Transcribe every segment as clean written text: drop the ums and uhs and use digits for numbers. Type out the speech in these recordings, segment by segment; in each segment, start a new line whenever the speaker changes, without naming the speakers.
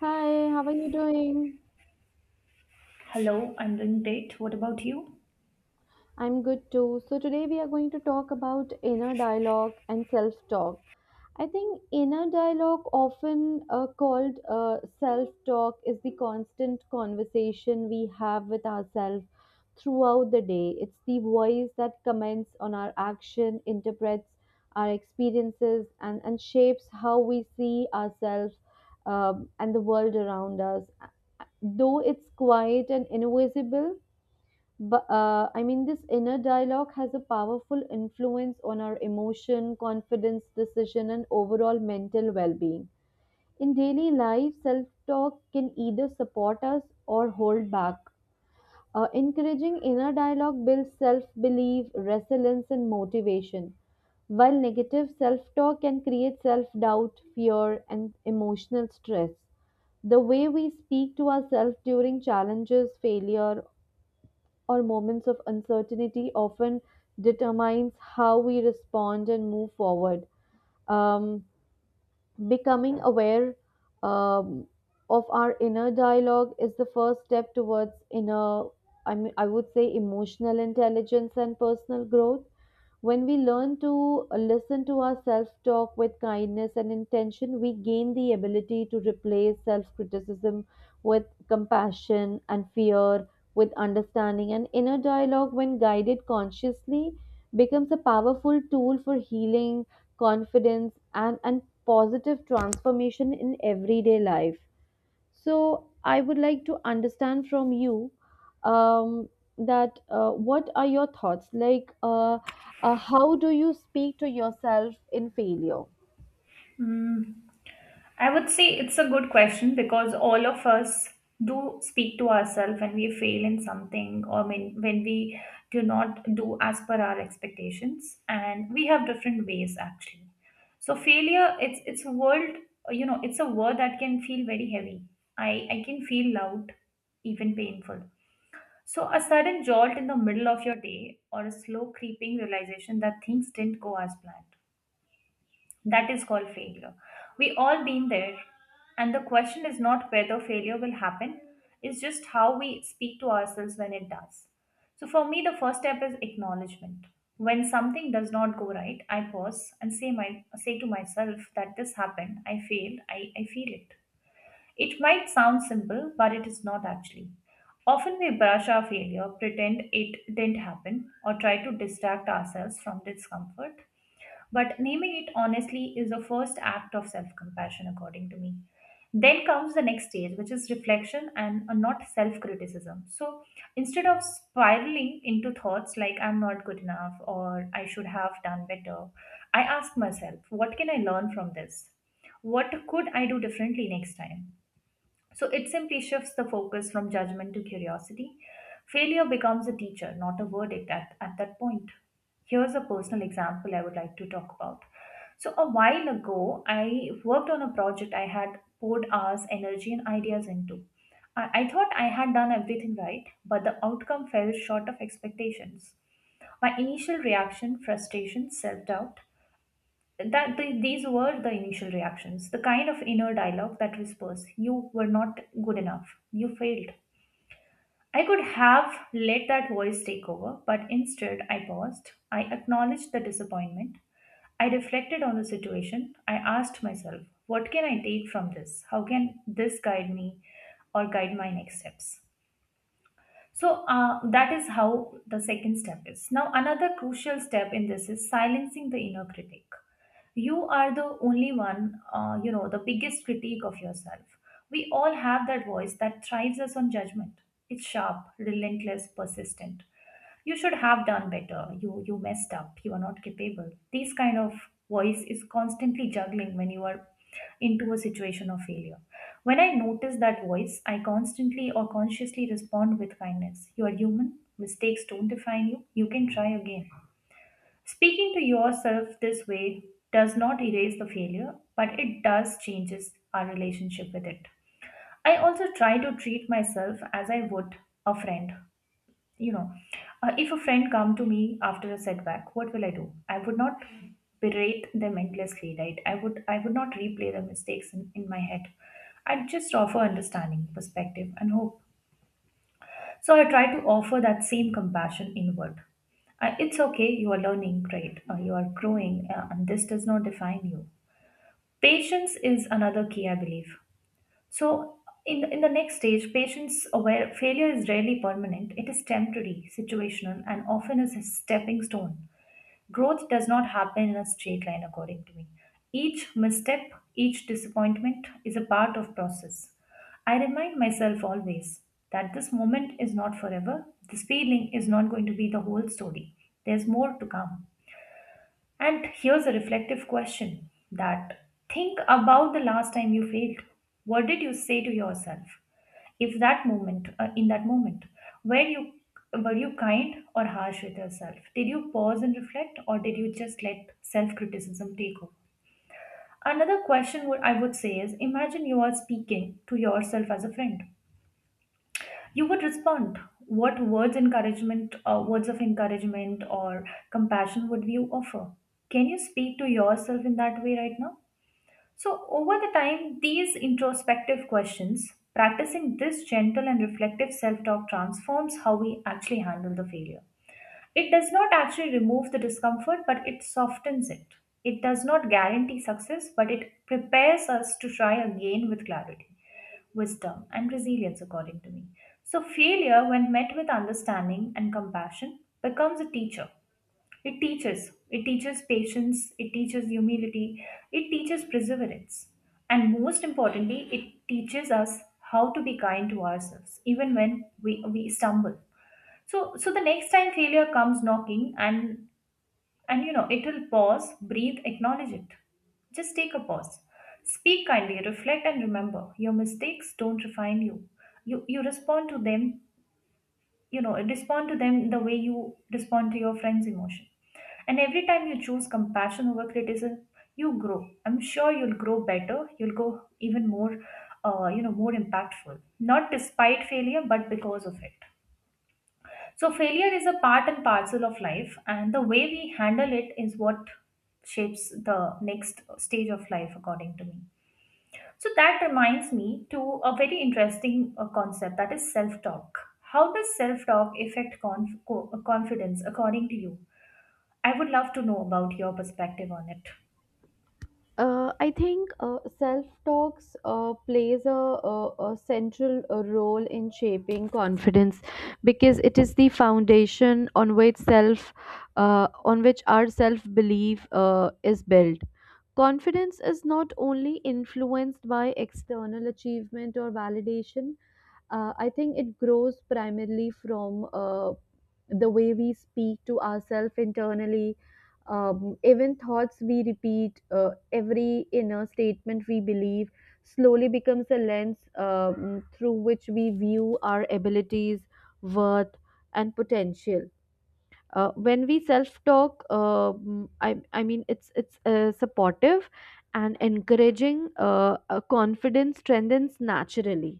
Hi, how are you doing?
Hello, I'm doing great. What about you?
I'm good too. So, today we are going to talk about inner dialogue and self talk. I think inner dialogue, often called self talk, is the constant conversation we have with ourselves throughout the day. It's the voice that comments on our action, interprets our experiences, and shapes how we see ourselves and the world around us. Though it's quiet and invisible, but this inner dialogue has a powerful influence on our emotion, confidence, decision, and overall mental well being. In daily life, self talk can either support us or hold back. Encouraging inner dialogue builds self belief, resilience, and motivation, while negative self talk can create self doubt, fear, and emotional stress. The way we speak to ourselves during challenges, failure, or moments of uncertainty often determines how we respond and move forward. Um, Becoming aware um, of our inner dialogue is the first step towards inner, I mean, I would say, emotional intelligence and personal growth. When we learn to listen to our self talk with kindness and intention, we gain the ability to replace self criticism with compassion and fear with understanding. And inner dialogue, when guided consciously, becomes a powerful tool for healing, confidence, and positive transformation in everyday life. So I would like to understand from you um, that what are your thoughts? How do you speak to yourself in failure?
Mm, I would say it's a good question because all of us do speak to ourselves when we fail in something or when we do not do as per our expectations, and we have different ways actually. So failure, it's a word, you know, it's a word that can feel very heavy. I can feel loud, even painful. So, a sudden jolt in the middle of your day or a slow creeping realization that things didn't go as planned. That is called failure. We all been there. And the question is not whether failure will happen, it's just how we speak to ourselves when it does. So for me, the first step is acknowledgement. When something does not go right, I pause and say to myself that this happened, I failed, I feel it. It might sound simple, but it is not actually. Often we brush our failure, pretend it didn't happen, or try to distract ourselves from discomfort, but naming it honestly is the first act of self compassion, according to me. Then comes the next stage, which is reflection and not self criticism. So instead of spiraling into thoughts like I'm not good enough or I should have done better, I ask myself, what can I learn from this? What could I do differently next time? So it simply shifts the focus from judgment to curiosity. Failure becomes a teacher, not a verdict at that point. Here's a personal example I would like to talk about. So, a while ago, I worked on a project I had poured hours, energy, and ideas into. I thought I had done everything right, but the outcome fell short of expectations. My initial reaction, frustration, self doubt, these were the initial reactions, the kind of inner dialogue that whispers you were not good enough, you failed. I could have let that voice take over, but instead I paused, I acknowledged the disappointment, I reflected on the situation, I asked myself, what can I take from this? How can this guide me or guide my next steps? So that is how the second step is. Now, another crucial step in this is silencing the inner critic. You are the only one, you know, the biggest critique of yourself. We all have that voice that thrives us on judgment. It's sharp, relentless, persistent. You should have done better, you messed up, you are not capable. This kind of voice is constantly juggling when you are into a situation of failure. When I notice that voice, I constantly or consciously respond with kindness. You are human, mistakes don't define you, you can try again. Speaking to yourself this way does not erase the failure, but it does changes our relationship with it. I also try to treat myself as I would a friend, you know. If a friend come to me after a setback, what will I do? I would not berate them endlessly, right? I would not replay the mistakes in my head. I'd just offer understanding, perspective, and hope. So I try to offer that same compassion inward. Uh, it's okay, you are learning, great, you are growing, and this does not define you. Patience is another key, I believe. So, in the next stage, patients aware failure is rarely permanent. It is temporary, situational, and often is a stepping stone. Growth does not happen in a straight line, according to me. Each misstep, each disappointment is a part of process. I remind myself always that this moment is not forever. This feeling is not going to be the whole story. There's more to come. And here's a reflective question, that think about the last time you failed. What did you say to yourself? If that moment, in that moment, were you were you kind or harsh with yourself? Did you pause and reflect, or did you just let self-criticism take over? Another question would, I would say, is imagine you are speaking to yourself as a friend. You would respond, what words encouragement, words of encouragement or compassion would you offer? Can you speak to yourself in that way right now? So over the time, these introspective questions, practicing this gentle and reflective self-talk, transforms how we actually handle the failure. It does not actually remove the discomfort, but it softens it. It does not guarantee success, but it prepares us to try again with clarity, wisdom, and resilience, according to me. So, failure, when met with understanding and compassion, becomes a teacher. It teaches. It teaches patience, it teaches humility, it teaches perseverance. And most importantly, it teaches us how to be kind to ourselves, even when we stumble. So, the next time failure comes knocking, and you know it will, pause, breathe, acknowledge it. Just take a pause, speak kindly, reflect, and remember your mistakes don't define you. You respond to them, you know, respond to them the way you respond to your friend's emotion. And every time you choose compassion over criticism, you grow. I'm sure you'll grow better. You'll go even more, you know, more impactful. Not despite failure, but because of it. So, failure is a part and parcel of life, and the way we handle it is what shapes the next stage of life, according to me. So, that reminds me to a very interesting concept that is self talk. How does self talk affect confidence, according to you? I would love to know about your perspective on it.
I think self talks plays a central role in shaping confidence because it is the foundation on which our self belief is built. Confidence is not only influenced by external achievement or validation. I think it grows primarily from the way we speak to ourselves internally, even thoughts we repeat, every inner statement we believe slowly becomes a lens through which we view our abilities, worth, and potential. When we self-talk, I mean, it's supportive and encouraging. Confidence strengthens naturally.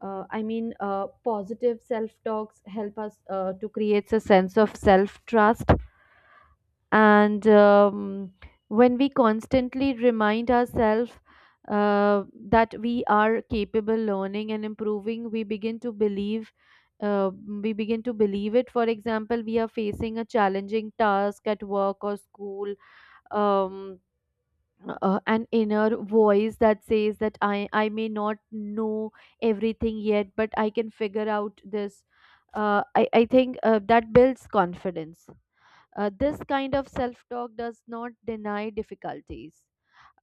Positive self-talks help us to create a sense of self-trust and when we constantly remind ourselves uh, that we are capable learning and improving, we begin to believe uh, we begin to believe it. For example, we are facing a challenging task at work or school. um, an inner voice that says that I may not know everything yet but I can figure out this. I think that builds confidence. This kind of self talk does not deny difficulties.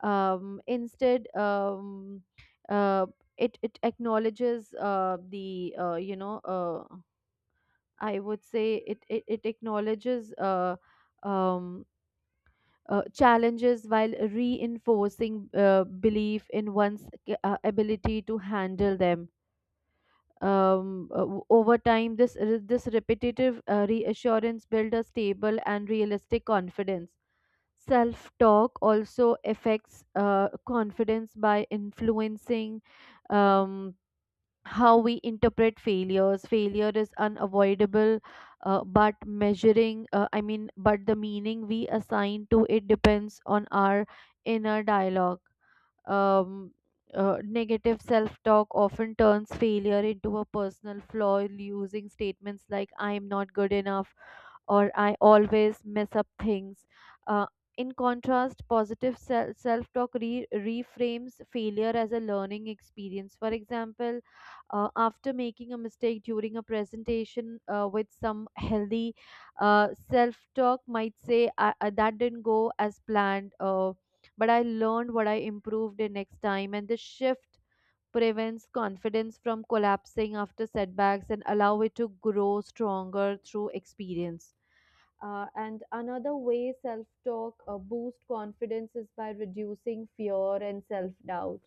Um, instead, um, uh, it, it acknowledges the, you know, I would say it, it, it acknowledges um, challenges while reinforcing belief in one's ability to handle them. Over time, this repetitive reassurance build a stable and realistic confidence. Self talk also affects confidence by influencing um, how we interpret failures. Failure is unavoidable, but but the meaning we assign to it depends on our inner dialogue. Um, Negative self talk often turns failure into a personal flaw, using statements like, I'm not good enough or I always mess up things. Uh, in contrast, positive self talk reframes failure as a learning experience. For example, after making a mistake during a presentation with some healthy self talk, might say, That didn't go as planned. But I learned what I improved in next time. And this shift prevents confidence from collapsing after setbacks and allow it to grow stronger through experience. And another way self-talk boost confidence is by reducing fear and self-doubt.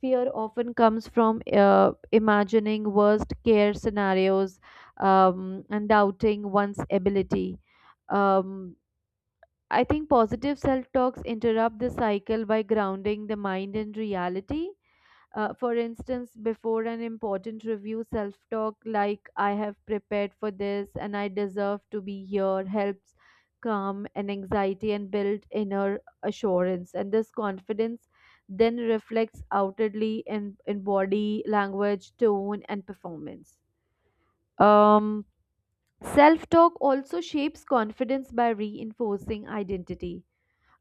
Fear often comes from imagining worst care scenarios and doubting one's ability. Um, I think positive self talks interrupt the cycle by grounding the mind in reality. For instance, before an important review, self talk like I have prepared for this and I deserve to be here helps calm an anxiety and build inner assurance. And this confidence then reflects outwardly in body language, tone, and performance. Um, Self talk also shapes confidence by reinforcing identity.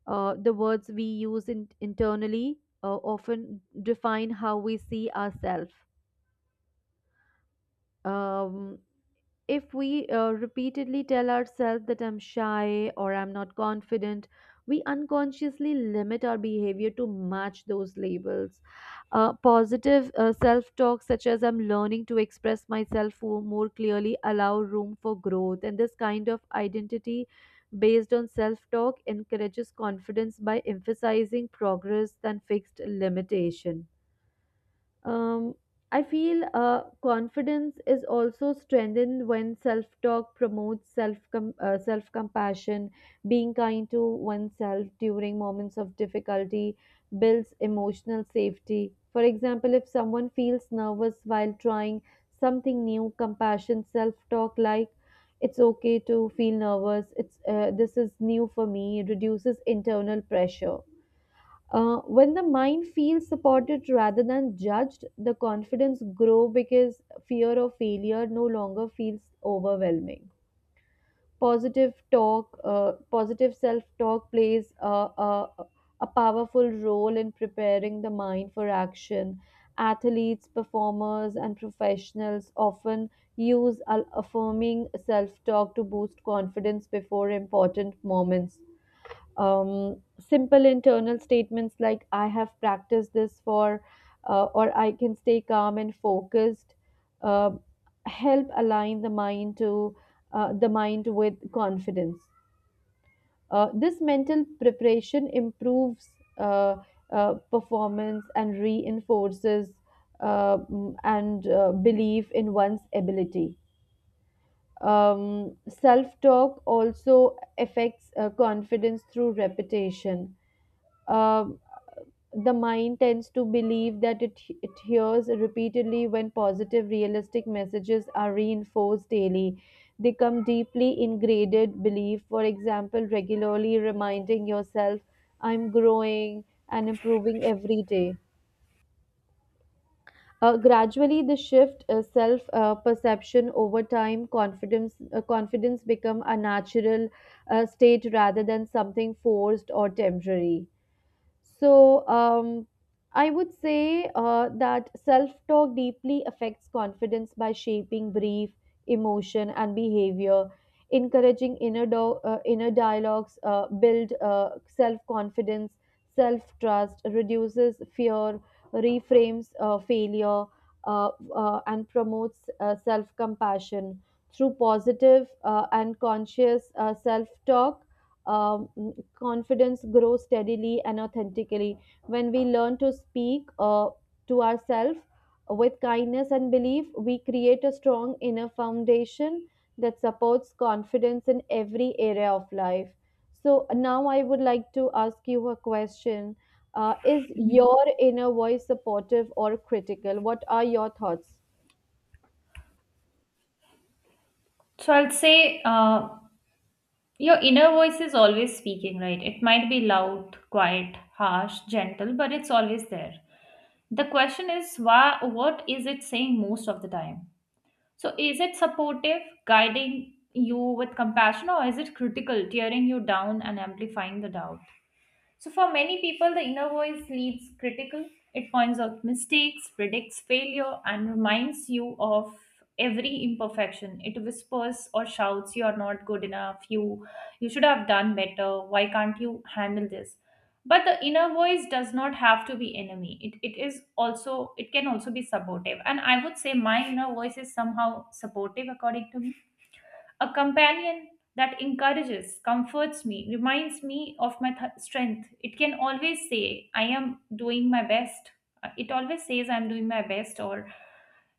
The words we use internally often define how we see ourselves. Um, if we repeatedly tell ourselves that I'm shy or I'm not confident, we unconsciously limit our behavior to match those labels. Positive self talk, such as I'm learning to express myself more clearly, allow room for growth. And this kind of identity based on self talk encourages confidence by emphasizing progress than fixed limitation. Um, I feel confidence is also strengthened when self-talk promotes self-compassion. Being kind to oneself during moments of difficulty builds emotional safety. For example, if someone feels nervous while trying something new, compassion self-talk like it's okay to feel nervous. It's This is new for me. Reduces internal pressure. When the mind feels supported rather than judged, the confidence grow because fear of failure no longer feels overwhelming. Positive self-talk plays a powerful role in preparing the mind for action. Athletes, performers, and professionals often use affirming self-talk to boost confidence before important moments. um, Simple internal statements like I have practiced this for or I can stay calm and focused uh, help align the mind with confidence. This mental preparation improves uh, performance and reinforces mm, and belief in one's ability. Self talk also affects confidence through repetition. um, the mind tends to believe that it hears repeatedly when positive, realistic messages are reinforced daily. They come deeply ingrained belief, for example, regularly reminding yourself, I'm growing and improving every day. Gradually, the shift self perception over time, confidence become a natural state rather than something forced or temporary. So I would say that self talk deeply affects confidence by shaping brief emotion and behavior. Encouraging inner dialogues build self confidence, self trust, reduces fear, reframes failure, uh, and promotes self compassion. Through positive and conscious self talk, confidence grows steadily and authentically. When we learn to speak to ourselves with kindness and belief, we create a strong inner foundation that supports confidence in every area of life. So now I would like to ask you a question. Is your inner voice supportive or critical? What are your thoughts?
So I'll say your inner voice is always speaking, right? It might be loud, quiet, harsh, gentle, but it's always there. The question is why, what is it saying most of the time? So is it supportive, guiding you with compassion, or is it critical, tearing you down and amplifying the doubt? So, for many people, the inner voice leads critical. It points out mistakes, predicts failure, and reminds you of every imperfection. It whispers or shouts, you are not good enough. You should have done better. Why can't you handle this? But the inner voice does not have to be enemy. It is also, it can also be supportive. And I would say my inner voice is somehow supportive according to me, a companion that encourages, comforts me, reminds me of my strength. It can always say, I am doing my best. It always says, I'm doing my best, or,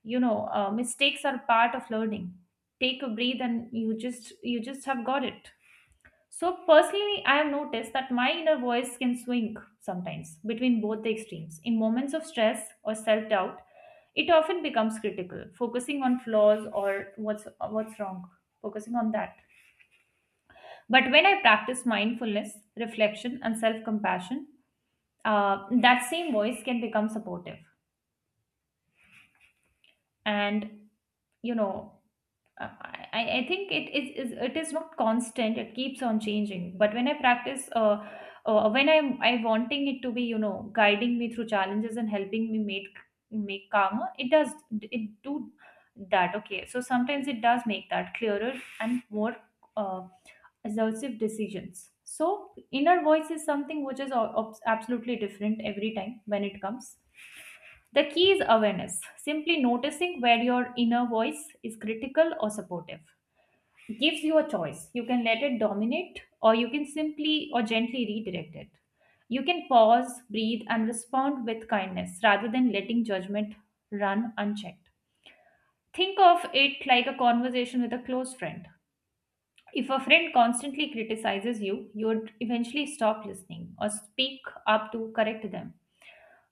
you know, mistakes are part of learning. Take a breath and you just have got it. So personally, I have noticed that my inner voice can swing sometimes between both the extremes. In moments of stress or self-doubt, it often becomes critical, focusing on flaws or what's wrong, focusing on that. But when I practice mindfulness, reflection, and self compassion, that same voice can become supportive. And, you know, I think it is it is not constant, it keeps on changing. But when I practice, when I wanting it to be, you know, guiding me through challenges and helping me make calmer, it does, it do that. Okay. So sometimes it does make that clearer and more uh, assertive decisions. So, inner voice is something which is absolutely different every time when it comes. The key is awareness, simply noticing where your inner voice is critical or supportive. Gives you a choice. You can let it dominate, or you can simply or gently redirect it. You can pause, breathe, and respond with kindness rather than letting judgment run unchecked. Think of it like a conversation with a close friend. If a friend constantly criticizes you, you would eventually stop listening or speak up to correct them.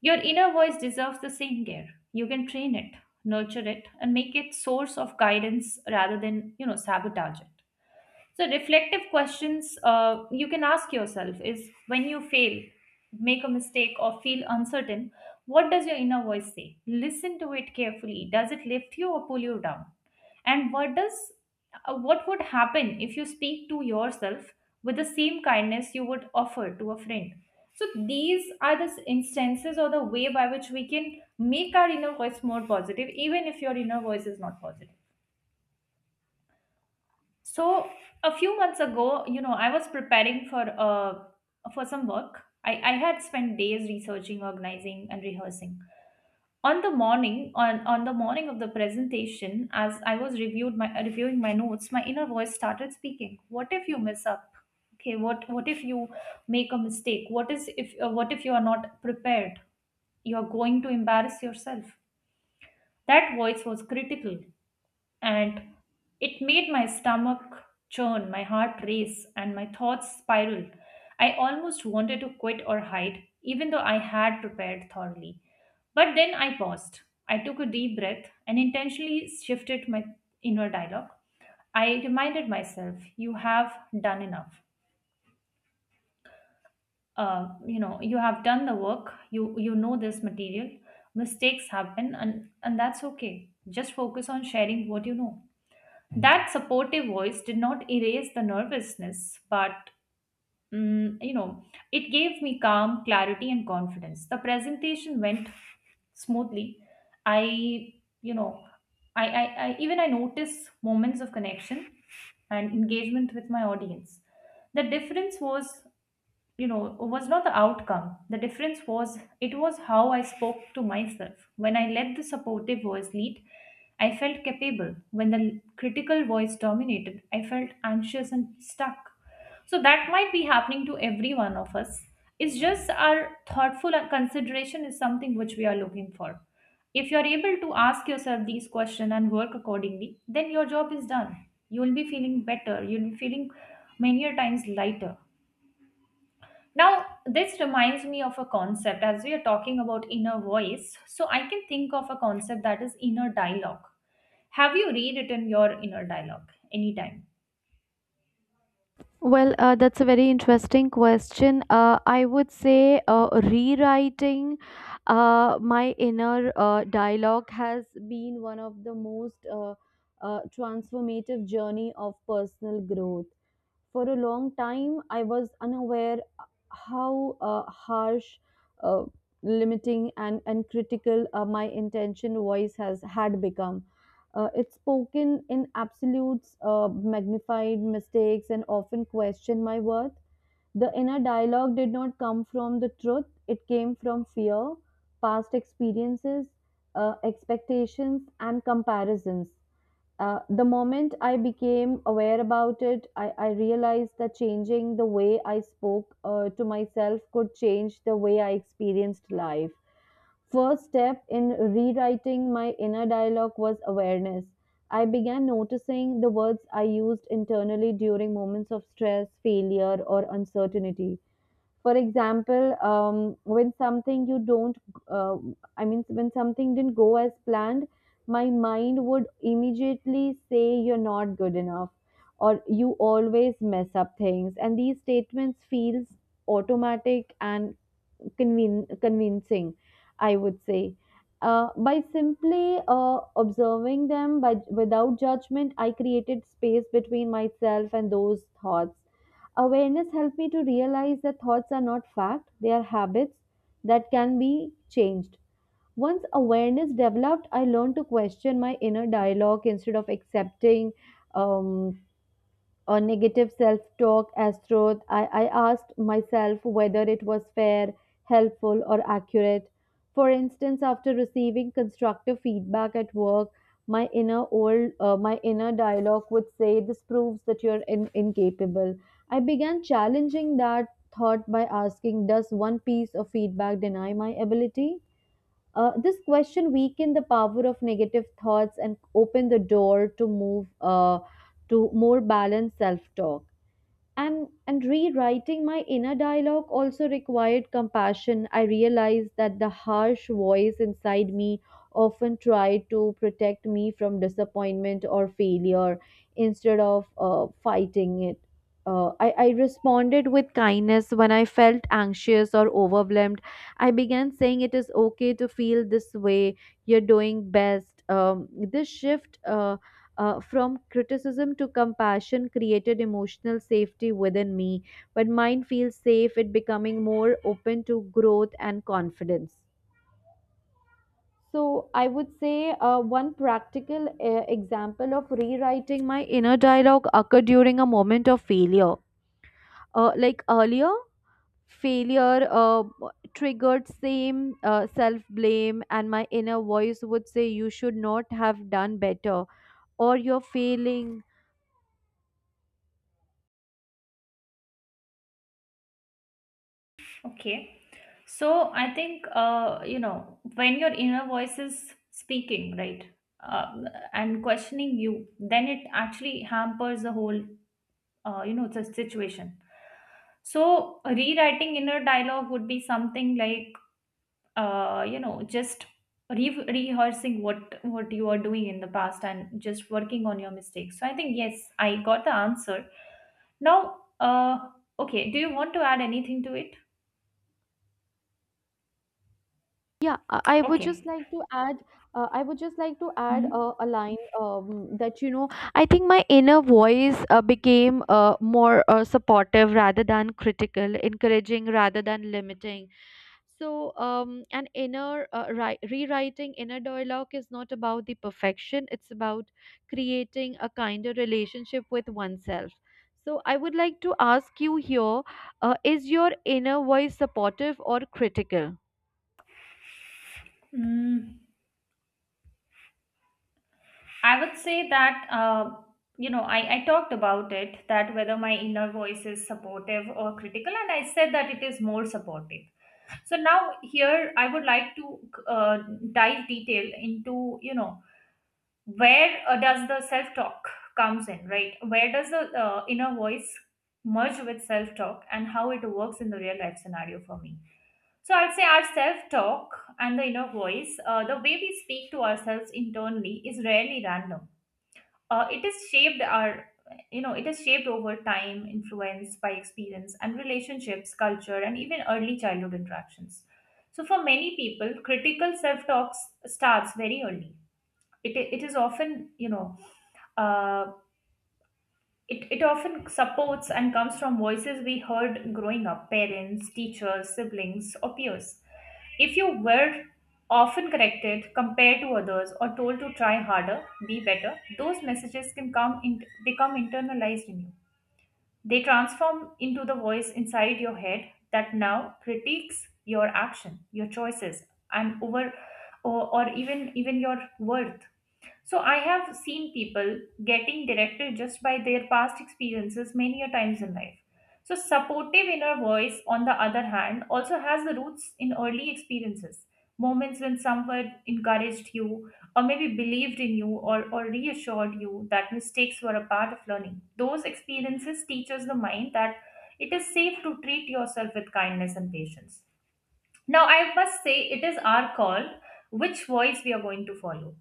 Your inner voice deserves the same care. You can train it, nurture it, and make it source of guidance rather than, you know, sabotage it. So, reflective questions you can ask yourself is when you fail, make a mistake, or feel uncertain, what does your inner voice say? Listen to it carefully. Does it lift you or pull you down? And what does what would happen if you speak to yourself with the same kindness you would offer to a friend? So these are the instances or the way by which we can make our inner voice more positive, even if your inner voice is not positive. So a few months ago, you know, I was preparing for some work. I had spent days researching, organizing, and rehearsing. On the morning, on the morning of the presentation, as I was reviewed my reviewing my notes, my inner voice started speaking. What if you mess up? Okay, what if you make a mistake? What is if what if you are not prepared? You're going to embarrass yourself. That voice was critical, and it made my stomach churn, my heart race, and my thoughts spiral. I almost wanted to quit or hide, even though I had prepared thoroughly. But then I paused. I took a deep breath and intentionally shifted my inner dialogue. I reminded myself, you have done enough. You know, you have done the work. You know this material. Mistakes happen, and that's okay. Just focus on sharing what you know. That supportive voice did not erase the nervousness, but mm, you know it gave me calm, clarity, and confidence. The presentation went smoothly. I you know I, I i even i noticed moments of connection and engagement with my audience. The difference was, you know was not the outcome. The difference was it was how I spoke to myself. When I let the supportive voice lead, I felt capable. When the critical voice dominated, I felt anxious and stuck. So that might be happening to every one of us. It's just our thoughtful consideration is something which we are looking for. If you're able to ask yourself these questions and work accordingly, then your job is done. You will be feeling better. You'll be feeling many a times lighter. Now, this reminds me of a concept. As we are talking about inner voice, so I can think of a concept that is inner dialogue. Have you rewritten your inner dialogue anytime?
Well, that's a very interesting question. I would say rewriting my inner dialogue has been one of the most transformative journey of personal growth. For a long time, I was unaware how harsh, uh, limiting, and critical my intention voice has had become. It's spoken in absolutes, magnified mistakes, and often questioned my worth. The inner dialogue did not come from the truth, it came from fear, past experiences, expectations, and comparisons. The moment I became aware about it, I realized that changing the way I spoke to myself could change the way I experienced life. First step in rewriting my inner dialogue was awareness. I began noticing the words I used internally during moments of stress, failure, or uncertainty. For example, when something you don't, uh, I mean, when something didn't go as planned, my mind would immediately say, You're not good enough, or You always mess up things. And these statements feels automatic and convincing, I would say. By simply observing them by, without judgment, I created space between myself and those thoughts. Awareness helped me to realize that thoughts are not fact, they are habits that can be changed. Once awareness developed, I learned to question my inner dialogue instead of accepting um, or negative self talk as truth. I asked myself whether it was fair, helpful, or accurate. For instance, after receiving constructive feedback at work, my inner dialogue would say this proves that you're incapable. I began challenging that thought by asking, does one piece of feedback deny my ability? This question weaken the power of negative thoughts and open the door to move to more balanced self-talk. And rewriting my inner dialogue also required compassion. I realized that the harsh voice inside me often tried to protect me from disappointment or failure. Instead of fighting it, I responded with kindness. When I felt anxious or overwhelmed, I began saying, it is okay to feel this way. You're doing best. This shift from criticism to compassion created emotional safety within me. When mind feels safe, it becoming more open to growth and confidence. So I would say one practical example of rewriting my inner dialogue occurred during a moment of failure. Like earlier, failure triggered same self blame, and my inner voice would say, "You should not have done better," or "You're failing."
Okay. So I think, you know, when your inner voice is speaking, right, uh, and questioning you, then it actually hampers the whole, you know, the situation. So, rewriting inner dialogue would be something like, you know, just rehearsing what you are doing in the past and just working on your mistakes. So I think yes, I got the answer. Now, okay, do you want to add anything to it?
Yeah, I would just
Okay.
like to add, I would just like to add
Hmm.
a line that, you know, I think my inner voice became more supportive rather than critical, encouraging rather than limiting. So, an rewriting inner dialogue is not about the perfection, it's about creating a kinder relationship with oneself. So, I would like to ask you here, is your inner voice supportive or critical?
Mm, I would say that, you know, I talked about it, that whether my inner voice is supportive or critical, and I said that it is more supportive. So now here I would like to, uh, dive detail into, you know, where does the self talk comes in, right, where does the inner voice merge with self talk and how it works in the real life scenario for me. So I'd say our self talk and the inner voice, the way we speak to ourselves internally, is rarely random. It is shaped our, you know, it is shaped over time, influenced by experience and relationships, culture, and even early childhood interactions. So for many people, critical self talk starts very early. It is often, you know, uh, it often supports and comes from voices we heard growing up: parents, teachers, siblings, or peers. If you were often corrected, compared to others, or told to try harder, be better, those messages can come in, become internalized in you. They transform into the voice inside your head that now critiques your action, your choices, and over, or even your worth. So I have seen people getting directed just by their past experiences many a times in life. So supportive inner voice, on the other hand, also has the roots in early experiences, moments when someone encouraged you, or maybe believed in you, or reassured you that mistakes were a part of learning. Those experiences teaches the mind that it is safe to treat yourself with kindness and patience. Now, I must say, it is our call which voice we are going to follow.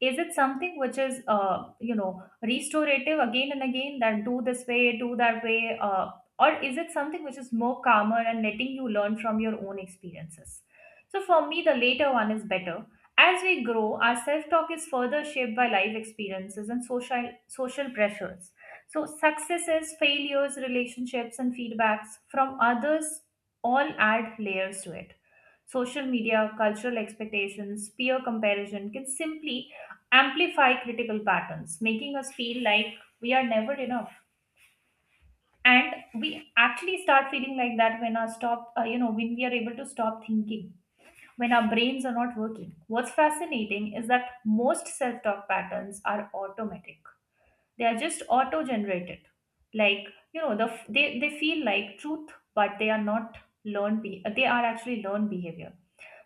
Is it something which is, you know, restorative again and again, that do this way, do that way, or is it something which is more calmer and letting you learn from your own experiences? So, for me, the later one is better. As we grow, our self talk is further shaped by life experiences and social pressures. So, successes, failures, relationships, and feedbacks from others all add layers to it. Social media, cultural expectations, peer comparison can simply amplify critical patterns, making us feel like we are never enough. And we actually start feeling like that when our you know, when we are able to stop thinking, when our brains are not working. What's fascinating is that most self talk patterns are automatic, they are just auto generated. Like, you know, they feel like truth, but they are not they are actually learned behavior.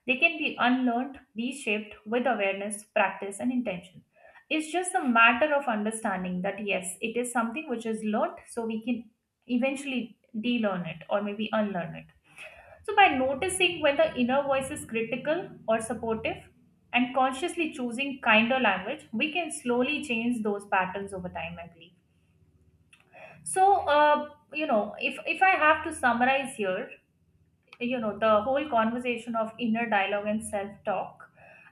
They can be unlearned, reshaped with awareness, practice, and intention. It's just a matter of understanding that yes, it is something which is learned, so we can eventually delearn it, or maybe unlearn it. So, by noticing when the inner voice is critical or supportive and consciously choosing kinder language, we can slowly change those patterns over time, I believe. So, you know, if I have to summarize here, you know, the whole conversation of inner dialogue and self talk,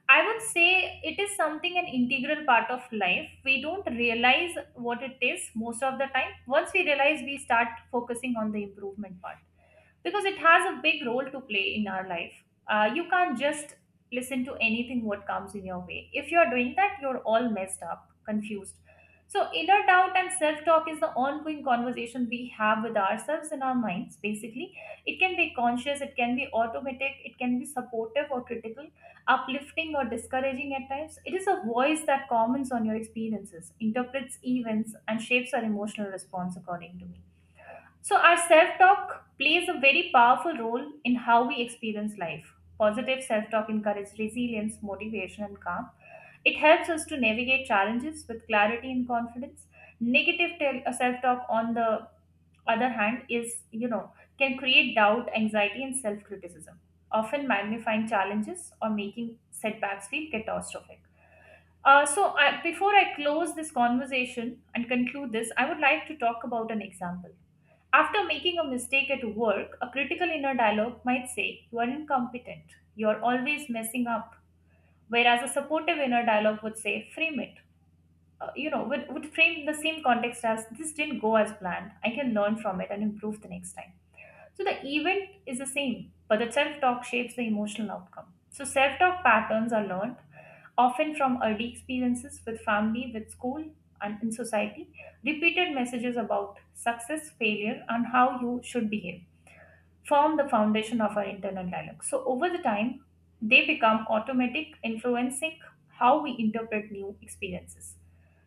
I would say it is something an integral part of life. We don't realize what it is most of the time. Once we realize, we start focusing on the improvement part, because it has a big role to play in our life. You can't just listen to anything what comes in your way. If you're doing that, you're all messed up, confused. So, inner doubt and self talk is the ongoing conversation we have with ourselves in our minds, basically. It can be conscious, it can be automatic, it can be supportive or critical, uplifting or discouraging at times. It is a voice that comments on your experiences, interprets events, and shapes our emotional response, according to me. So, our self talk plays a very powerful role in how we experience life. Positive self talk encourages resilience, motivation, and calm. It helps us to navigate challenges with clarity and confidence. Negative self talk, on the other hand, is, you know, can create doubt, anxiety, and self criticism, often magnifying challenges or making setbacks feel catastrophic. Before I close this conversation and conclude this, I would like to talk about an example. After making a mistake at work, a critical inner dialogue might say, "You are incompetent, you are always messing up." Whereas a supportive inner dialogue would say, frame it. You know, would frame the same context as, this didn't go as planned. I can learn from it and improve the next time. So the event is the same, but the self talk shapes the emotional outcome. So self talk patterns are learned often from early experiences with family, with school, and in society. Repeated messages about success, failure, and how you should behave form the foundation of our internal dialogue. So over the time, they become automatic, influencing how we interpret new experiences.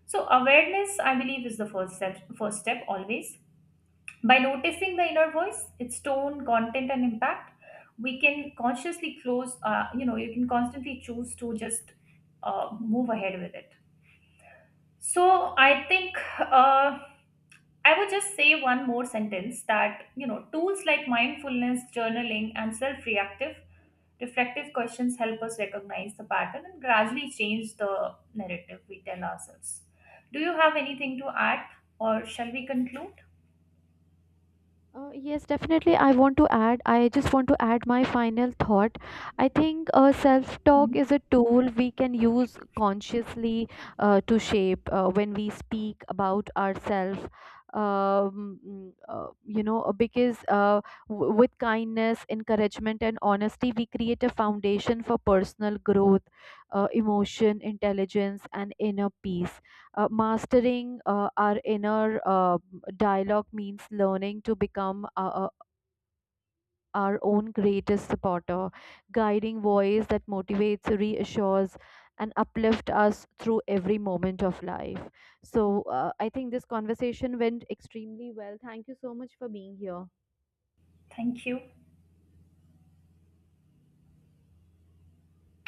So awareness, I believe, is the first step. First step always, by noticing the inner voice, its tone, content, and impact, we can consciously close, you know, you can constantly choose to just move ahead with it. So I think, I would just say one more sentence that, you know, tools like mindfulness, journaling, and reflective questions help us recognize the pattern and gradually change the narrative we tell ourselves. Do you have anything to add, or shall we conclude?
Yes, definitely. I want to add, I just want to add my final thought. I think self talk
Mhm.
is a tool we can use consciously to shape when we speak about ourselves. Mm, you know, because w- With kindness, encouragement, and honesty, we create a foundation for personal growth, emotion, intelligence, and inner peace. Mastering our inner dialogue means learning to become our own greatest supporter, guiding voice that motivates, reassures, and uplift us through every moment of life. So I think this conversation went extremely well. Thank you so much for being here.
Thank you.